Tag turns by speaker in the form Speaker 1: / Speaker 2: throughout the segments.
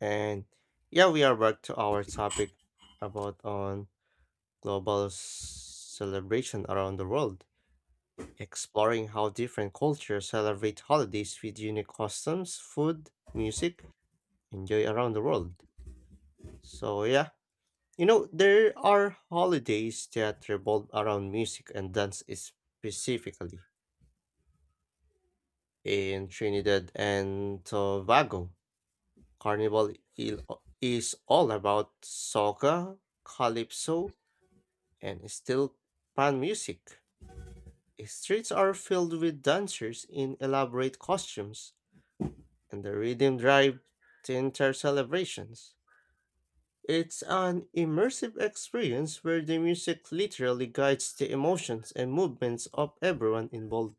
Speaker 1: And yeah, we are back to our topic about on global celebration around the world, exploring how different cultures celebrate holidays with unique customs, food, music, and joy around the world. So yeah, there are holidays that revolve around music and dance specifically. In Trinidad and Tobago, Carnival il- is all about soca, calypso, and still pan music. Streets are filled with dancers in elaborate costumes, and the rhythm drive the entire celebrations. It's an immersive experience where the music literally guides the emotions and movements of everyone involved.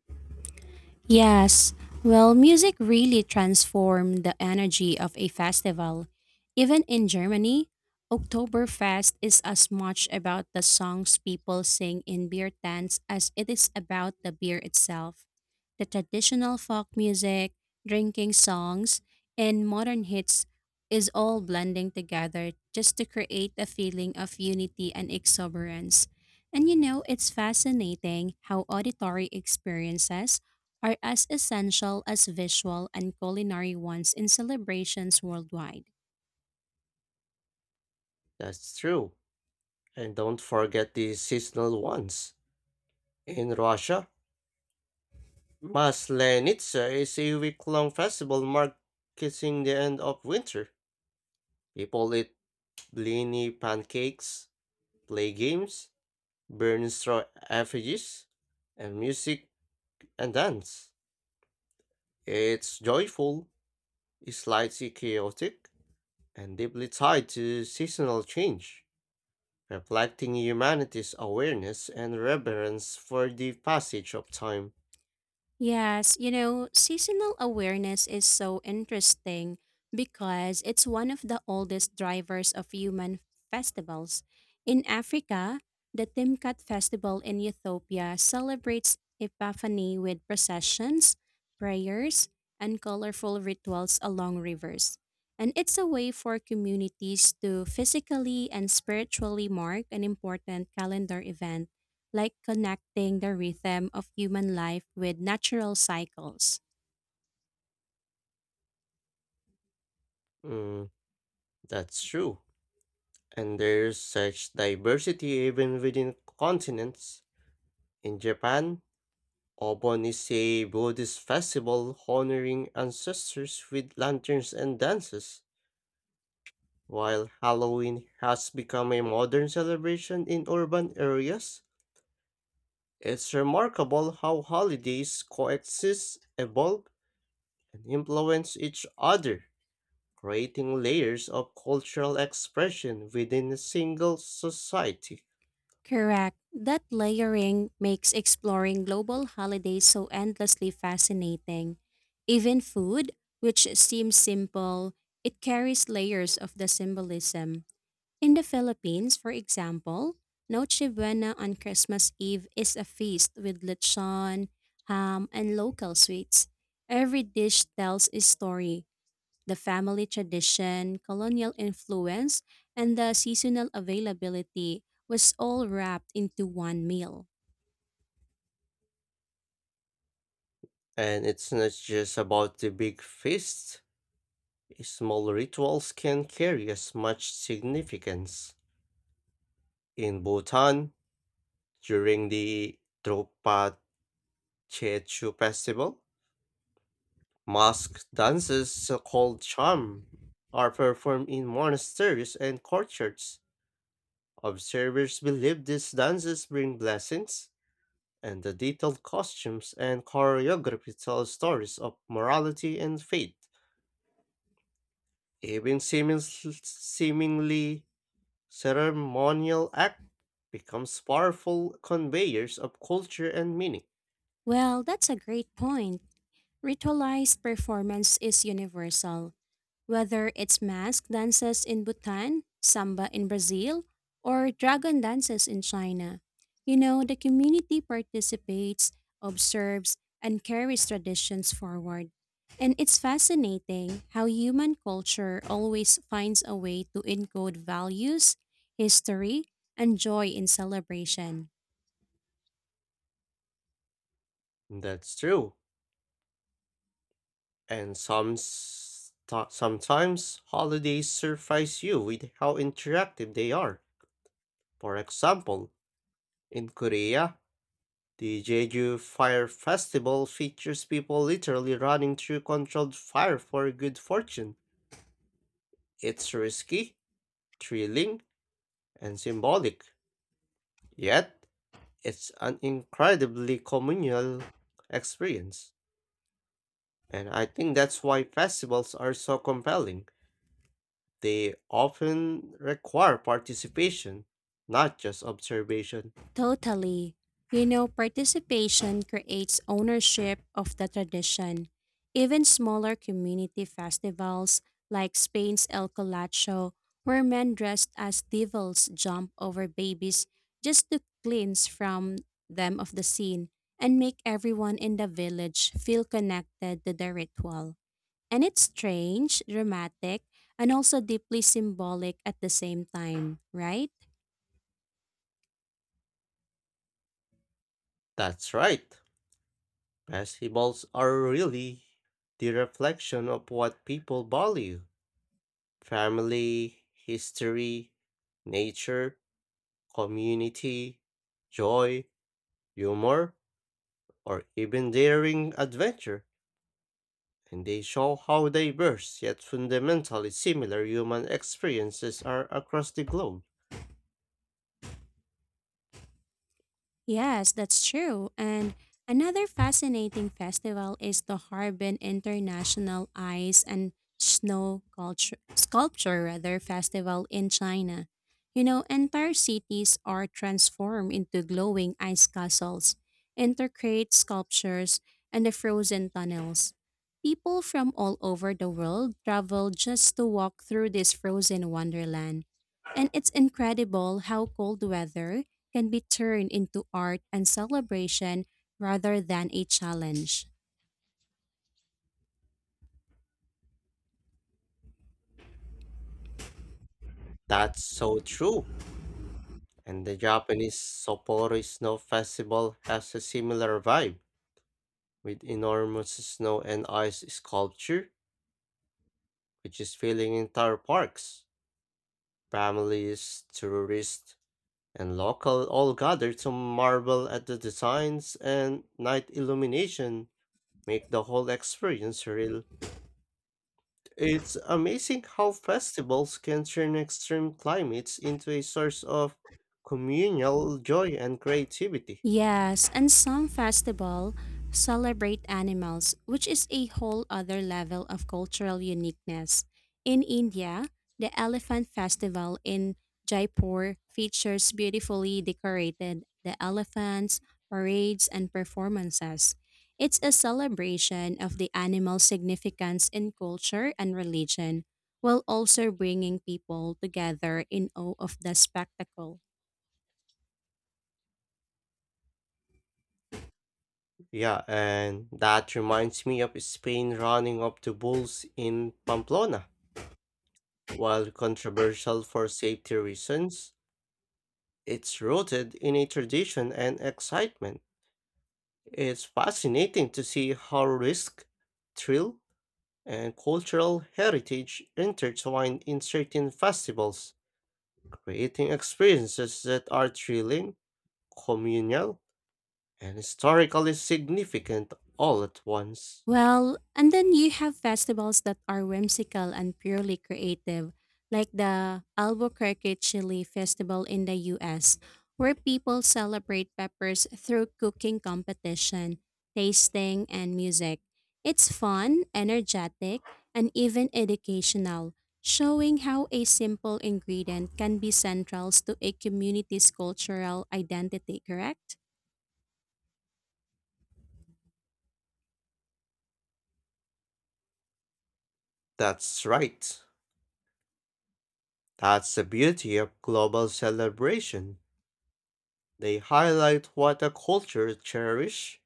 Speaker 2: Yes, well, music really transformed the energy of a festival. Even in Germany, Oktoberfest is as much about the songs people sing in beer tents as it is about the beer itself. The traditional folk music, drinking songs, and modern hits is all blending together just to create a feeling of unity and exuberance. And it's fascinating how auditory experiences are as essential as visual and culinary ones in celebrations worldwide.
Speaker 1: That's true. And don't forget the seasonal ones. In Russia, Maslenitsa is a week-long festival marking the end of winter. People eat blini pancakes, play games, burn straw effigies, and music and dance. It's joyful, slightly chaotic, and deeply tied to seasonal change, reflecting humanity's awareness and reverence for the passage of time.
Speaker 2: Yes, seasonal awareness is so interesting because it's one of the oldest drivers of human festivals. In Africa, the Timkat festival in Ethiopia celebrates Epiphany with processions, prayers, and colorful rituals along rivers. And it's a way for communities to physically and spiritually mark an important calendar event like connecting the rhythm of human life with natural cycles.
Speaker 1: Mm, that's true. And there's such diversity even within continents. In Japan, Obon is a Buddhist festival honoring ancestors with lanterns and dances. While Halloween has become a modern celebration in urban areas, it's remarkable how holidays coexist, evolve, and influence each other, creating layers of cultural expression within a single society.
Speaker 2: Correct. That layering makes exploring global holidays so endlessly fascinating. Even food, which seems simple, it carries layers of the symbolism. In the Philippines, for example, Noche Buena on Christmas Eve is a feast with lechon, ham, and local sweets. Every dish tells a story. The family tradition, colonial influence, and the seasonal availability was all wrapped into one meal.
Speaker 1: And it's not just about the big feasts, small rituals can carry as much significance. In Bhutan, during the Drukpa Chechu festival, mask dances so called charm are performed in monasteries and courtyards. Observers believe these dances bring blessings, and the detailed costumes and choreography tell stories of morality and faith. Even seemingly ceremonial act becomes powerful conveyors of culture and meaning.
Speaker 2: Well, that's a great point. Ritualized performance is universal. Whether it's mask dances in Bhutan, samba in Brazil, or dragon dances in China, the community participates, observes, and carries traditions forward. And it's fascinating how human culture always finds a way to encode values, history, and joy in celebration.
Speaker 1: That's true. And sometimes holidays surprise you with how interactive they are. For example, in Korea, the Jeju Fire Festival features people literally running through controlled fire for good fortune. It's risky, thrilling, and symbolic, yet, it's an incredibly communal experience. And I think that's why festivals are so compelling. They often require participation, not just observation.
Speaker 2: Totally. Participation creates ownership of the tradition. Even smaller community festivals like Spain's El Colacho, where men dressed as devils jump over babies just to cleanse from them of the sin and make everyone in the village feel connected to the ritual. And it's strange, dramatic, and also deeply symbolic at the same time, right?
Speaker 1: That's right. Festivals are really the reflection of what people value: family, history, nature, community, joy, humor, or even daring adventure. And they show how diverse yet fundamentally similar human experiences are across the globe.
Speaker 2: Yes, that's true. And another fascinating festival is the Harbin International Ice and Snow Culture, Sculpture rather, Festival in China. Entire cities are transformed into glowing ice castles, intricate sculptures, and the frozen tunnels. People from all over the world travel just to walk through this frozen wonderland. And it's incredible how cold weather can be turned into art and celebration rather than a challenge.
Speaker 1: That's so true. And the Japanese Sapporo Snow Festival has a similar vibe, with enormous snow and ice sculpture, which is filling entire parks. Families, tourists, and local all gather to marvel at the designs and night illumination make the whole experience real. It's amazing how festivals can turn extreme climates into a source of communal joy and creativity.
Speaker 2: Yes, and some festival celebrate animals, which is a whole other level of cultural uniqueness. In India, the Elephant Festival in Jaipur features beautifully decorated the elephants, parades, and performances. It's a celebration of the animal's significance in culture and religion, while also bringing people together in awe of the spectacle.
Speaker 1: Yeah, and that reminds me of Spain running up the bulls in Pamplona. While controversial for safety reasons, it's rooted in a tradition and excitement. It's fascinating to see how risk, thrill, and cultural heritage intertwine in certain festivals, creating experiences that are thrilling, communal, and historically significant all at once.
Speaker 2: Well, and then you have festivals that are whimsical and purely creative, like the Albuquerque Chili Festival in the US, where people celebrate peppers through cooking competition, tasting, and music. It's fun, energetic, and even educational, showing how a simple ingredient can be central to a community's cultural identity, correct?
Speaker 1: That's right. That's the beauty of global celebration. They highlight what a culture cherishes,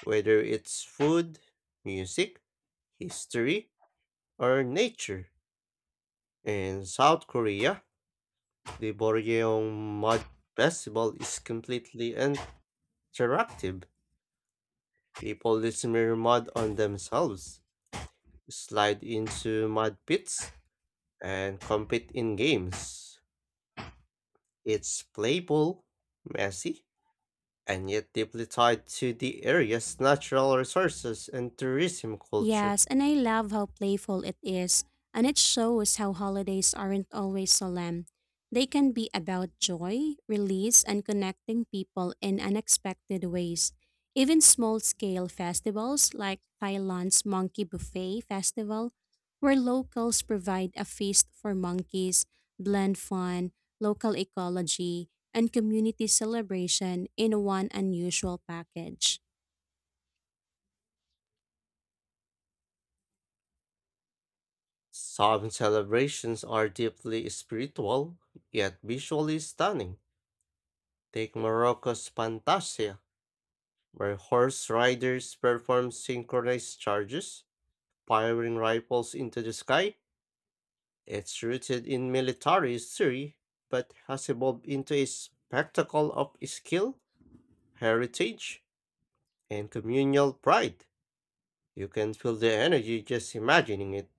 Speaker 1: whether it's food, music, history, or nature. In South Korea, the Boryeong Mud Festival is completely interactive. People smear mud on themselves, slide into mud pits, and compete in games. It's playful, messy, and yet deeply tied to the area's natural resources and tourism culture.
Speaker 2: Yes, and I love how playful it is, and it shows how holidays aren't always solemn. They can be about joy, release, and connecting people in unexpected ways. Even small scale festivals like Thailand's Monkey Buffet Festival, where locals provide a feast for monkeys, blend fun, local ecology, and community celebration in one unusual package.
Speaker 1: Some celebrations are deeply spiritual, yet visually stunning. Take Morocco's Fantasia, where horse riders perform synchronized charges, firing rifles into the sky. It's rooted in military history, but has evolved into a spectacle of skill, heritage, and communal pride. You can feel the energy just imagining it,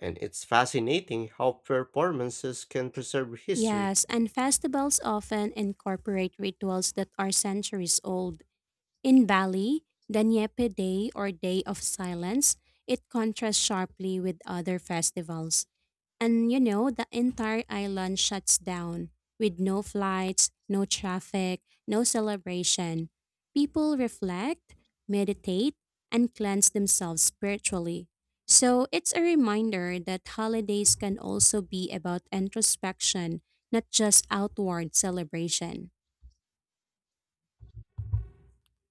Speaker 1: and it's fascinating how performances can preserve history.
Speaker 2: Yes, and festivals often incorporate rituals that are centuries old. In Bali, the Nyepe Day or Day of Silence, it contrasts sharply with other festivals. And the entire island shuts down with no flights, no traffic, no celebration. People reflect, meditate, and cleanse themselves spiritually. So it's a reminder that holidays can also be about introspection, not just outward celebration.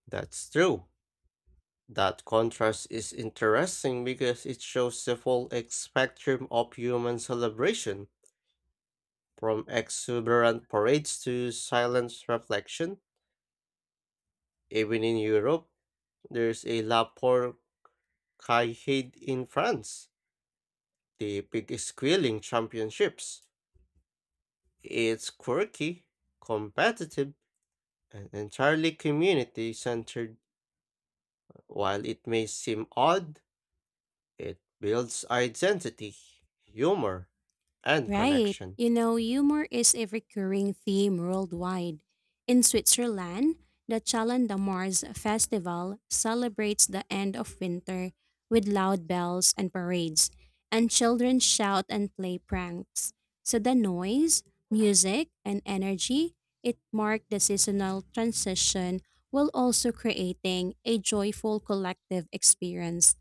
Speaker 1: That's true. That contrast is interesting because it shows the full spectrum of human celebration, from exuberant parades to silent reflection. Even in Europe, there's a La Porcaille in France, the big squealing championships. It's quirky, competitive, an entirely community centered, while it may seem odd, it builds identity, humor, and
Speaker 2: Right.
Speaker 1: connection.
Speaker 2: Humor is a recurring theme worldwide. In Switzerland, the Chalon de Mars festival celebrates the end of winter with loud bells and parades, and children shout and play pranks. So the noise, music, and energy it marked the seasonal transition while also creating a joyful collective experience.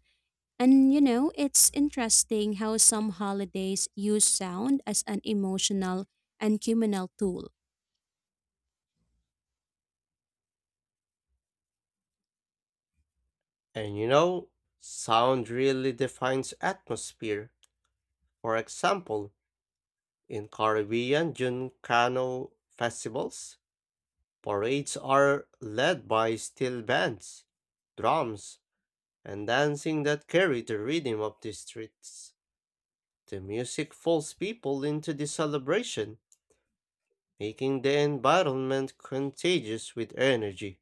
Speaker 2: And it's interesting how some holidays use sound as an emotional and communal tool,
Speaker 1: And you know, sound really defines atmosphere. For example, in Caribbean Juncano festivals, parades are led by steel bands, drums, and dancing that carry the rhythm of the streets. The music pulls people into the celebration making the environment contagious with energy.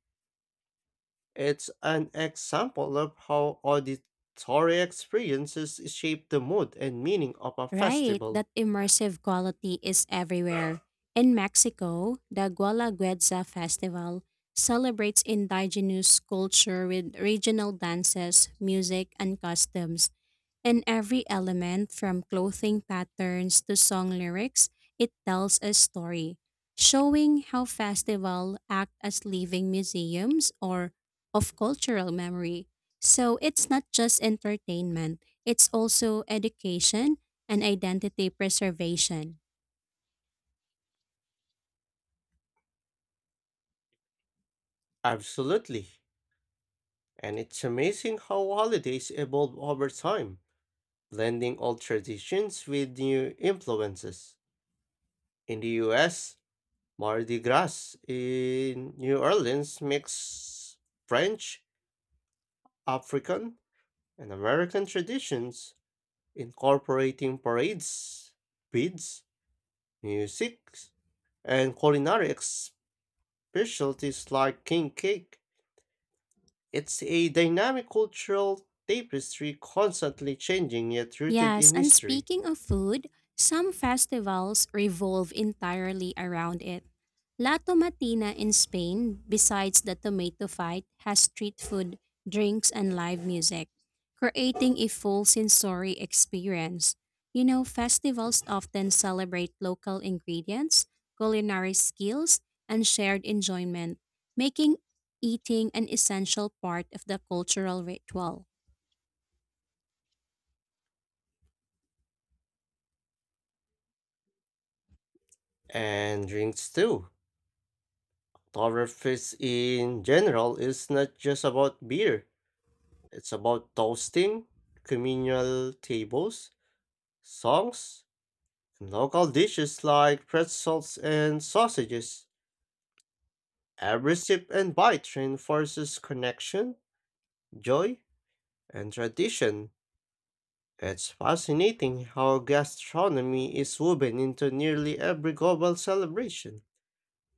Speaker 1: It's an example of how auditory experiences shape the mood and meaning of a
Speaker 2: right?
Speaker 1: festival.
Speaker 2: That immersive quality is everywhere. In Mexico, the Guelaguetza Festival celebrates indigenous culture with regional dances, music, and customs. And every element, from clothing patterns to song lyrics, it tells a story, showing how festivals act as living museums or of cultural memory. So it's not just entertainment, it's also education and identity preservation.
Speaker 1: Absolutely. And it's amazing how holidays evolve over time, blending old traditions with new influences. In the US, Mardi Gras in New Orleans mixes French, African, and American traditions incorporating parades, beads, music, and culinary specialties like king cake. It's a dynamic cultural tapestry constantly changing yet rooted
Speaker 2: Yes,
Speaker 1: in
Speaker 2: and
Speaker 1: history.
Speaker 2: speaking of food, some festivals revolve entirely around it. La Tomatina in Spain, besides the tomato fight, has street food, drinks, and live music, creating a full sensory experience. Festivals often celebrate local ingredients, culinary skills, and shared enjoyment, making eating an essential part of the cultural ritual.
Speaker 1: And drinks too. Oktoberfest in general is not just about beer, it's about toasting, communal tables, songs, and local dishes like pretzels and sausages. Every sip and bite reinforces connection, joy, and tradition. It's fascinating how gastronomy is woven into nearly every global celebration,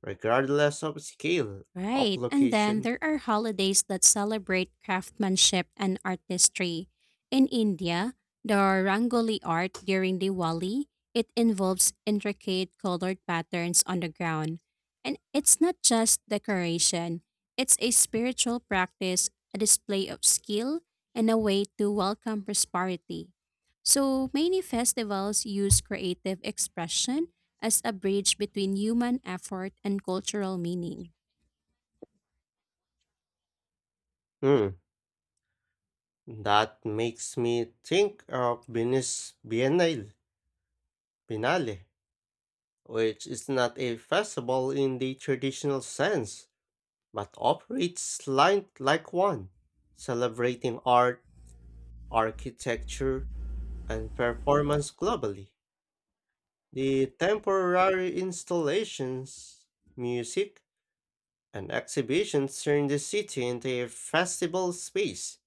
Speaker 1: regardless of scale of
Speaker 2: Right. And then
Speaker 1: location.
Speaker 2: there are holidays that celebrate craftsmanship and artistry. In India, the Rangoli art during Diwali, it involves intricate colored patterns on the ground. And it's not just decoration, it's a spiritual practice, a display of skill, and a way to welcome prosperity. So many festivals use creative expression as a bridge between human effort and cultural meaning.
Speaker 1: Hmm, that makes me think of Venice Biennale, which is not a festival in the traditional sense, but operates like one, celebrating art, architecture, and performance globally. The temporary installations, music, and exhibitions turn the city into a festival space,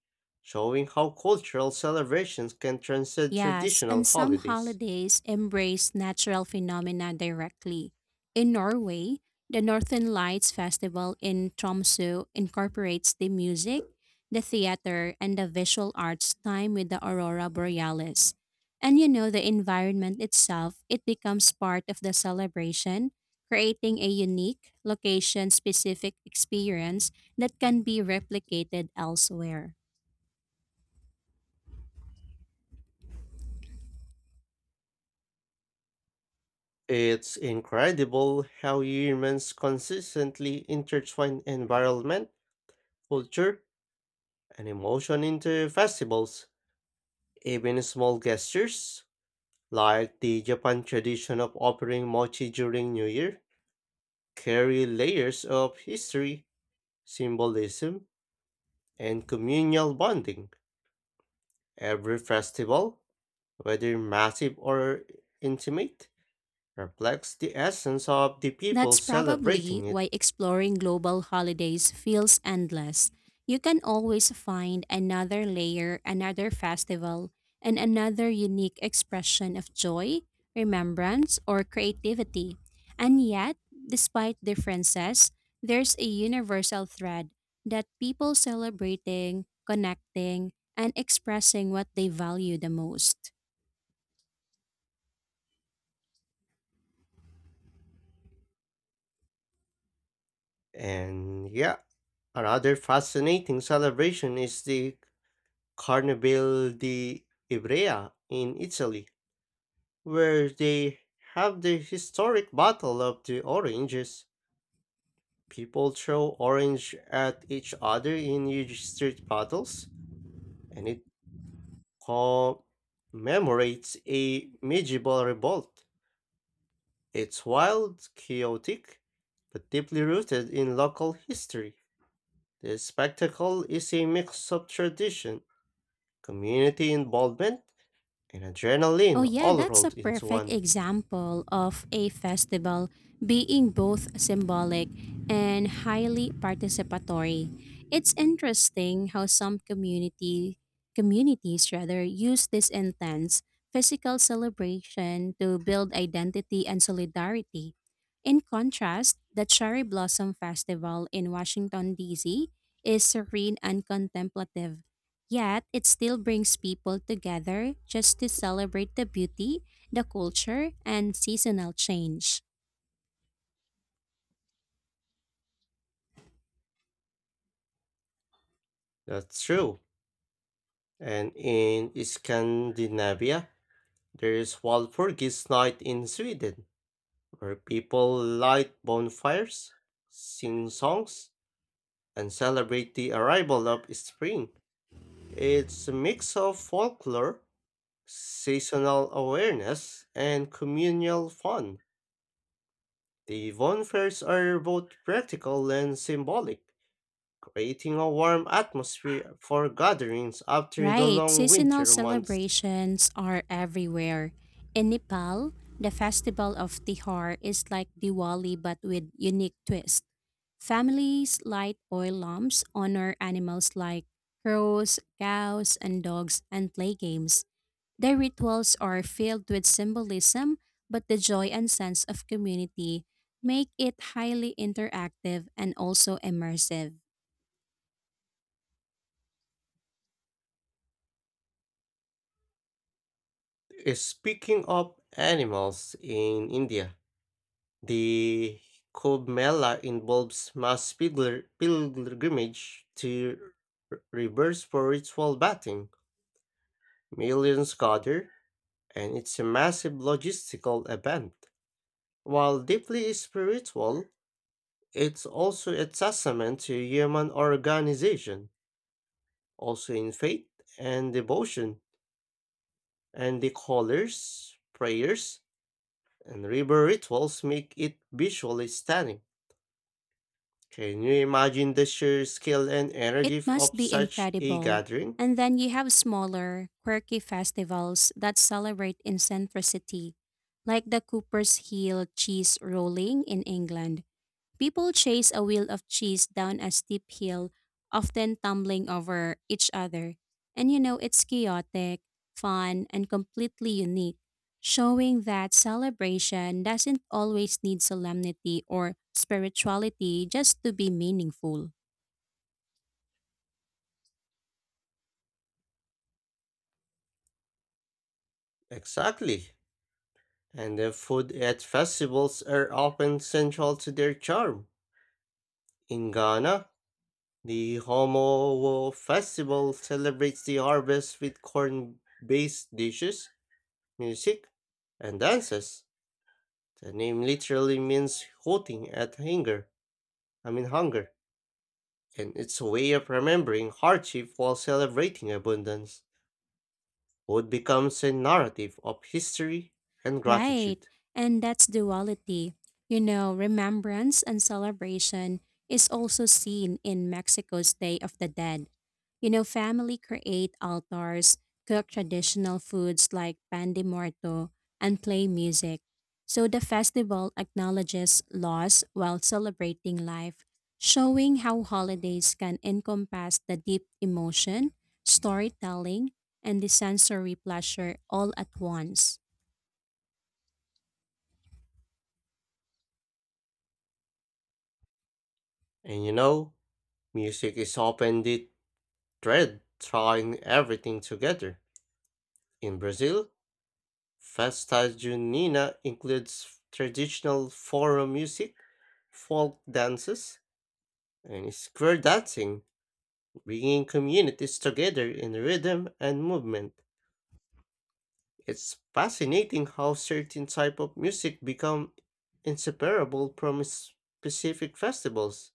Speaker 1: showing how cultural celebrations can transcend
Speaker 2: Yes,
Speaker 1: traditional
Speaker 2: and some
Speaker 1: holidays.
Speaker 2: holidays embrace natural phenomena directly. In Norway, the Northern Lights Festival in Tromsø incorporates the music, the theater, and the visual arts time with the aurora borealis. And the environment itself, it becomes part of the celebration, creating a unique, location specific experience that can be replicated elsewhere.
Speaker 1: It's incredible how humans consistently intertwine environment, culture, and emotion into festivals. Even small gestures, like the Japan tradition of offering mochi during New Year, carry layers of history, symbolism, and communal bonding. Every festival, whether massive or intimate, reflects the essence of the people
Speaker 2: That's probably
Speaker 1: celebrating it.
Speaker 2: why exploring global holidays feels endless. You can always find another layer, another festival, and another unique expression of joy, remembrance, or creativity. And yet, despite differences, there's a universal thread that people celebrating, connecting, and expressing what they value the most.
Speaker 1: And yeah, another fascinating celebration is the Carnival di Ivrea in Italy, where they have the historic Battle of the Oranges. People throw orange at each other in huge street battles, and it commemorates a medieval revolt. It's wild, chaotic, but deeply rooted in local history. The spectacle is a mix of tradition, community involvement, and
Speaker 2: Oh,
Speaker 1: adrenaline
Speaker 2: yeah,
Speaker 1: all
Speaker 2: that's a
Speaker 1: rolled into
Speaker 2: perfect
Speaker 1: one.
Speaker 2: example of a festival being both symbolic and highly participatory. It's interesting how some community communities rather use this intense physical celebration to build identity and solidarity. In contrast, the Cherry Blossom Festival in Washington D.C. is serene and contemplative. Yet, it still brings people together just to celebrate the beauty, the culture, and seasonal change.
Speaker 1: That's true. And in Scandinavia, there is Walpurgis Night in Sweden where people light bonfires, sing songs, and celebrate the arrival of spring. It's a mix of folklore, seasonal awareness, and communal fun. The bonfires are both practical and symbolic, creating a warm atmosphere for gatherings after the
Speaker 2: Right,
Speaker 1: long
Speaker 2: seasonal
Speaker 1: winter months.
Speaker 2: celebrations are everywhere. In Nepal, the festival of Tihar is like Diwali but with unique twists. Families light oil lamps, honor animals like crows, cows, and dogs, and play games. Their rituals are filled with symbolism, but the joy and sense of community make it highly interactive and also immersive.
Speaker 1: Speaking of animals in India, the Kumbh Mela involves pilgrimage to rivers for ritual bathing. Millions gather, and it's a massive logistical event. While deeply spiritual, it's also a testament to human organization, also in faith and devotion. And the colors, prayers, and river rituals make it visually stunning. Can you imagine the sheer scale and
Speaker 2: It
Speaker 1: energy
Speaker 2: must
Speaker 1: of
Speaker 2: be
Speaker 1: such a
Speaker 2: incredible.
Speaker 1: gathering?
Speaker 2: And then you have smaller, quirky festivals that celebrate eccentricity, like the Cooper's Hill cheese rolling in England. People chase a wheel of cheese down a steep hill, often tumbling over each other. And it's chaotic, fun, and completely unique, showing that celebration doesn't always need solemnity or spirituality just to be meaningful.
Speaker 1: Exactly. And the food at festivals are often central to their charm. In Ghana, the Homowo Festival celebrates the harvest with corn based dishes, music, and dances. The name literally means hooting at hunger, hunger, and it's a way of remembering hardship while celebrating abundance. Food becomes a narrative of history and
Speaker 2: Right.
Speaker 1: gratitude.
Speaker 2: And that's duality. Remembrance and celebration is also seen in Mexico's Day of the Dead. Family create altars, cook traditional foods like pan de muerto, and play music. So the festival acknowledges loss while celebrating life, showing how holidays can encompass the deep emotion, storytelling, and the sensory pleasure all at once.
Speaker 1: And you know, music is often the thread tying everything together. In Brazil, Festa Junina includes traditional forró music, folk dances, and square dancing, bringing communities together in rhythm and movement. It's fascinating how certain type of music become inseparable from specific festivals,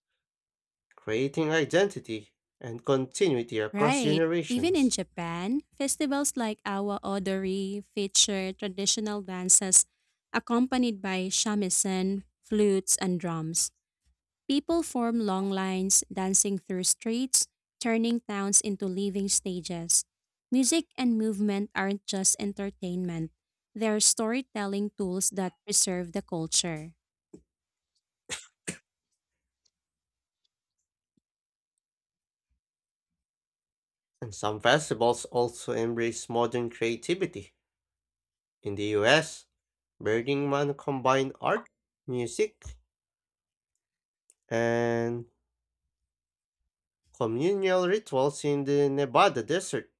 Speaker 1: creating identity and continuity across
Speaker 2: Right. Even in
Speaker 1: generations.
Speaker 2: Japan, festivals like Awa Odori feature traditional dances accompanied by shamisen, flutes, and drums. People form long lines dancing through streets, turning towns into living stages. Music and movement aren't just entertainment, they're storytelling tools that preserve the culture.
Speaker 1: And some festivals also embrace modern creativity. In the US, Burning Man combined art, music, and communal rituals in the Nevada desert.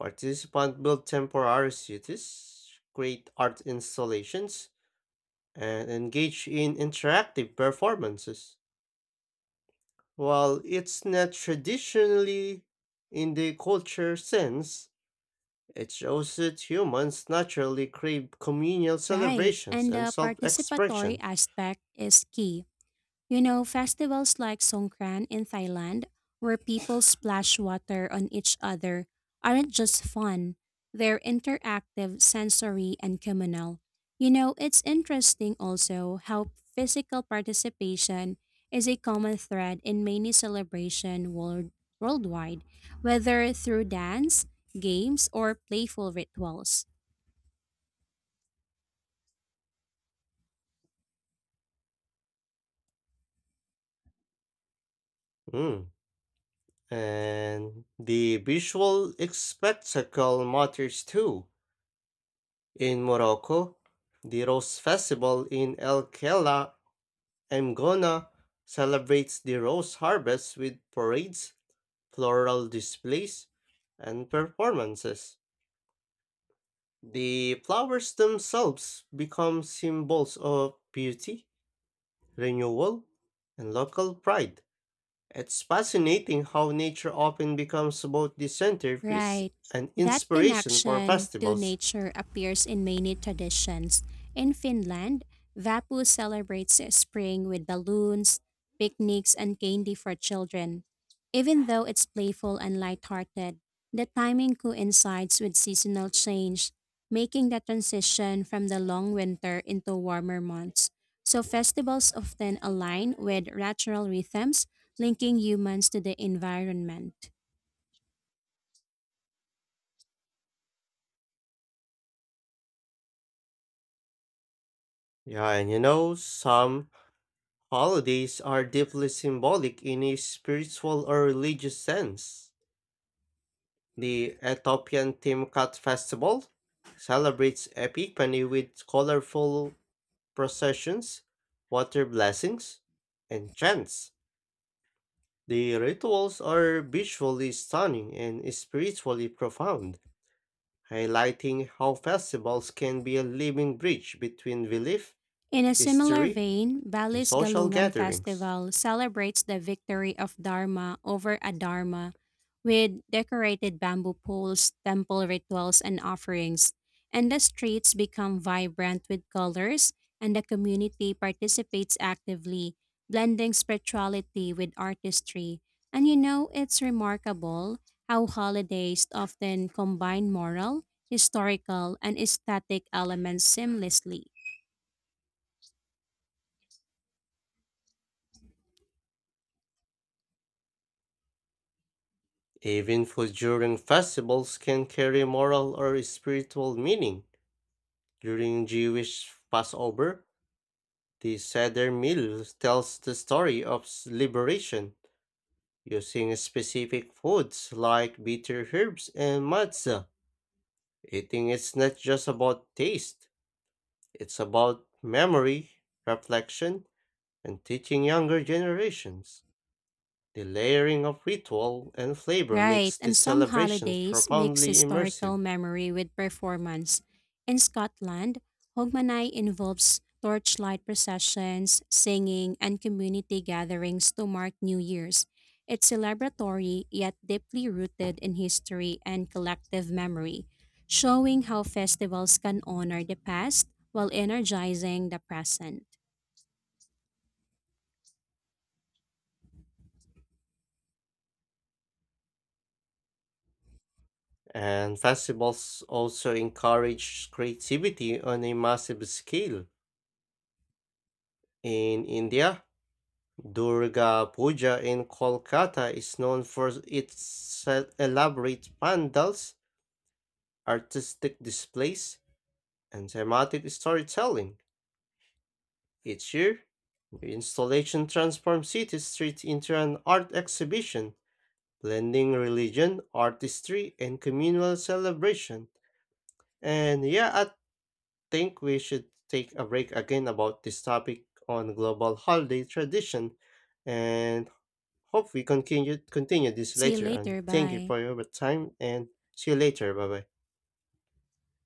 Speaker 1: Participants build temporary cities, create art installations, and engage in interactive performances. While it's not traditionally in the culture sense, it shows that humans naturally crave communal
Speaker 2: Right.
Speaker 1: celebrations
Speaker 2: And
Speaker 1: and
Speaker 2: the
Speaker 1: self
Speaker 2: participatory
Speaker 1: expression.
Speaker 2: aspect is key. Festivals like Songkran in Thailand, where people splash water on each other, aren't just fun. They're interactive, sensory, and communal. It's interesting also how physical participation is a common thread in many worldwide, whether through dance, games, or playful rituals.
Speaker 1: Mm. And the visual spectacle matters too. In Morocco, the Rose Festival in El Kela, Mgona, celebrates the rose harvest with parades, floral displays, and performances. The flowers themselves become symbols of beauty renewal, and local pride. It's fascinating how nature often becomes both the centerpiece
Speaker 2: Right.
Speaker 1: and
Speaker 2: That
Speaker 1: inspiration for
Speaker 2: connection to
Speaker 1: festivals.
Speaker 2: nature appears in many traditions. In Finland, Vapu celebrates spring with balloons, picnics, and candy for children. Even though it's playful and lighthearted, the timing coincides with seasonal change, making the transition from the long winter into warmer months. So festivals often align with natural rhythms, linking humans to the environment.
Speaker 1: Yeah, some holidays are deeply symbolic in a spiritual or religious sense. The Ethiopian Timkat Festival celebrates Epiphany with colorful processions, water blessings, and chants. The rituals are visually stunning and spiritually profound, highlighting how festivals can be a living bridge between belief,
Speaker 2: In a similar
Speaker 1: history,
Speaker 2: vein,
Speaker 1: and
Speaker 2: Bali's
Speaker 1: social
Speaker 2: Galungan
Speaker 1: gatherings.
Speaker 2: Festival celebrates the victory of Dharma over Adharma with decorated bamboo poles, temple rituals, and offerings. And the streets become vibrant with colors, and the community participates actively, blending spirituality with artistry. And it's remarkable how holidays often combine moral, historical, and aesthetic elements seamlessly.
Speaker 1: Even food during festivals can carry moral or spiritual meaning. During Jewish Passover, the Seder meal tells the story of liberation, using specific foods like bitter herbs and matzah. Eating is not just about taste, it's about memory, reflection, and teaching younger generations. The layering of ritual and flavor
Speaker 2: Right,
Speaker 1: makes
Speaker 2: and
Speaker 1: these
Speaker 2: some
Speaker 1: celebrations
Speaker 2: holidays mix
Speaker 1: profoundly immersive,
Speaker 2: historical memory with performance. In Scotland, Hogmanay involves torchlight processions, singing, and community gatherings to mark New Year's. It's celebratory yet deeply rooted in history and collective memory, showing how festivals can honor the past while energizing the present.
Speaker 1: and festivals also encourage creativity on a massive scale. In India, Durga Puja in Kolkata is known for its elaborate pandals, artistic displays, and thematic storytelling. Each year, new installation transforms city streets into an art exhibition, blending religion, artistry, and communal celebration. And yeah, I think we should take a break again about this topic on global holiday tradition and hope we continue this
Speaker 2: See you
Speaker 1: later on.
Speaker 2: later,
Speaker 1: Thank you
Speaker 2: bye.
Speaker 1: for your time and see you later. Bye bye.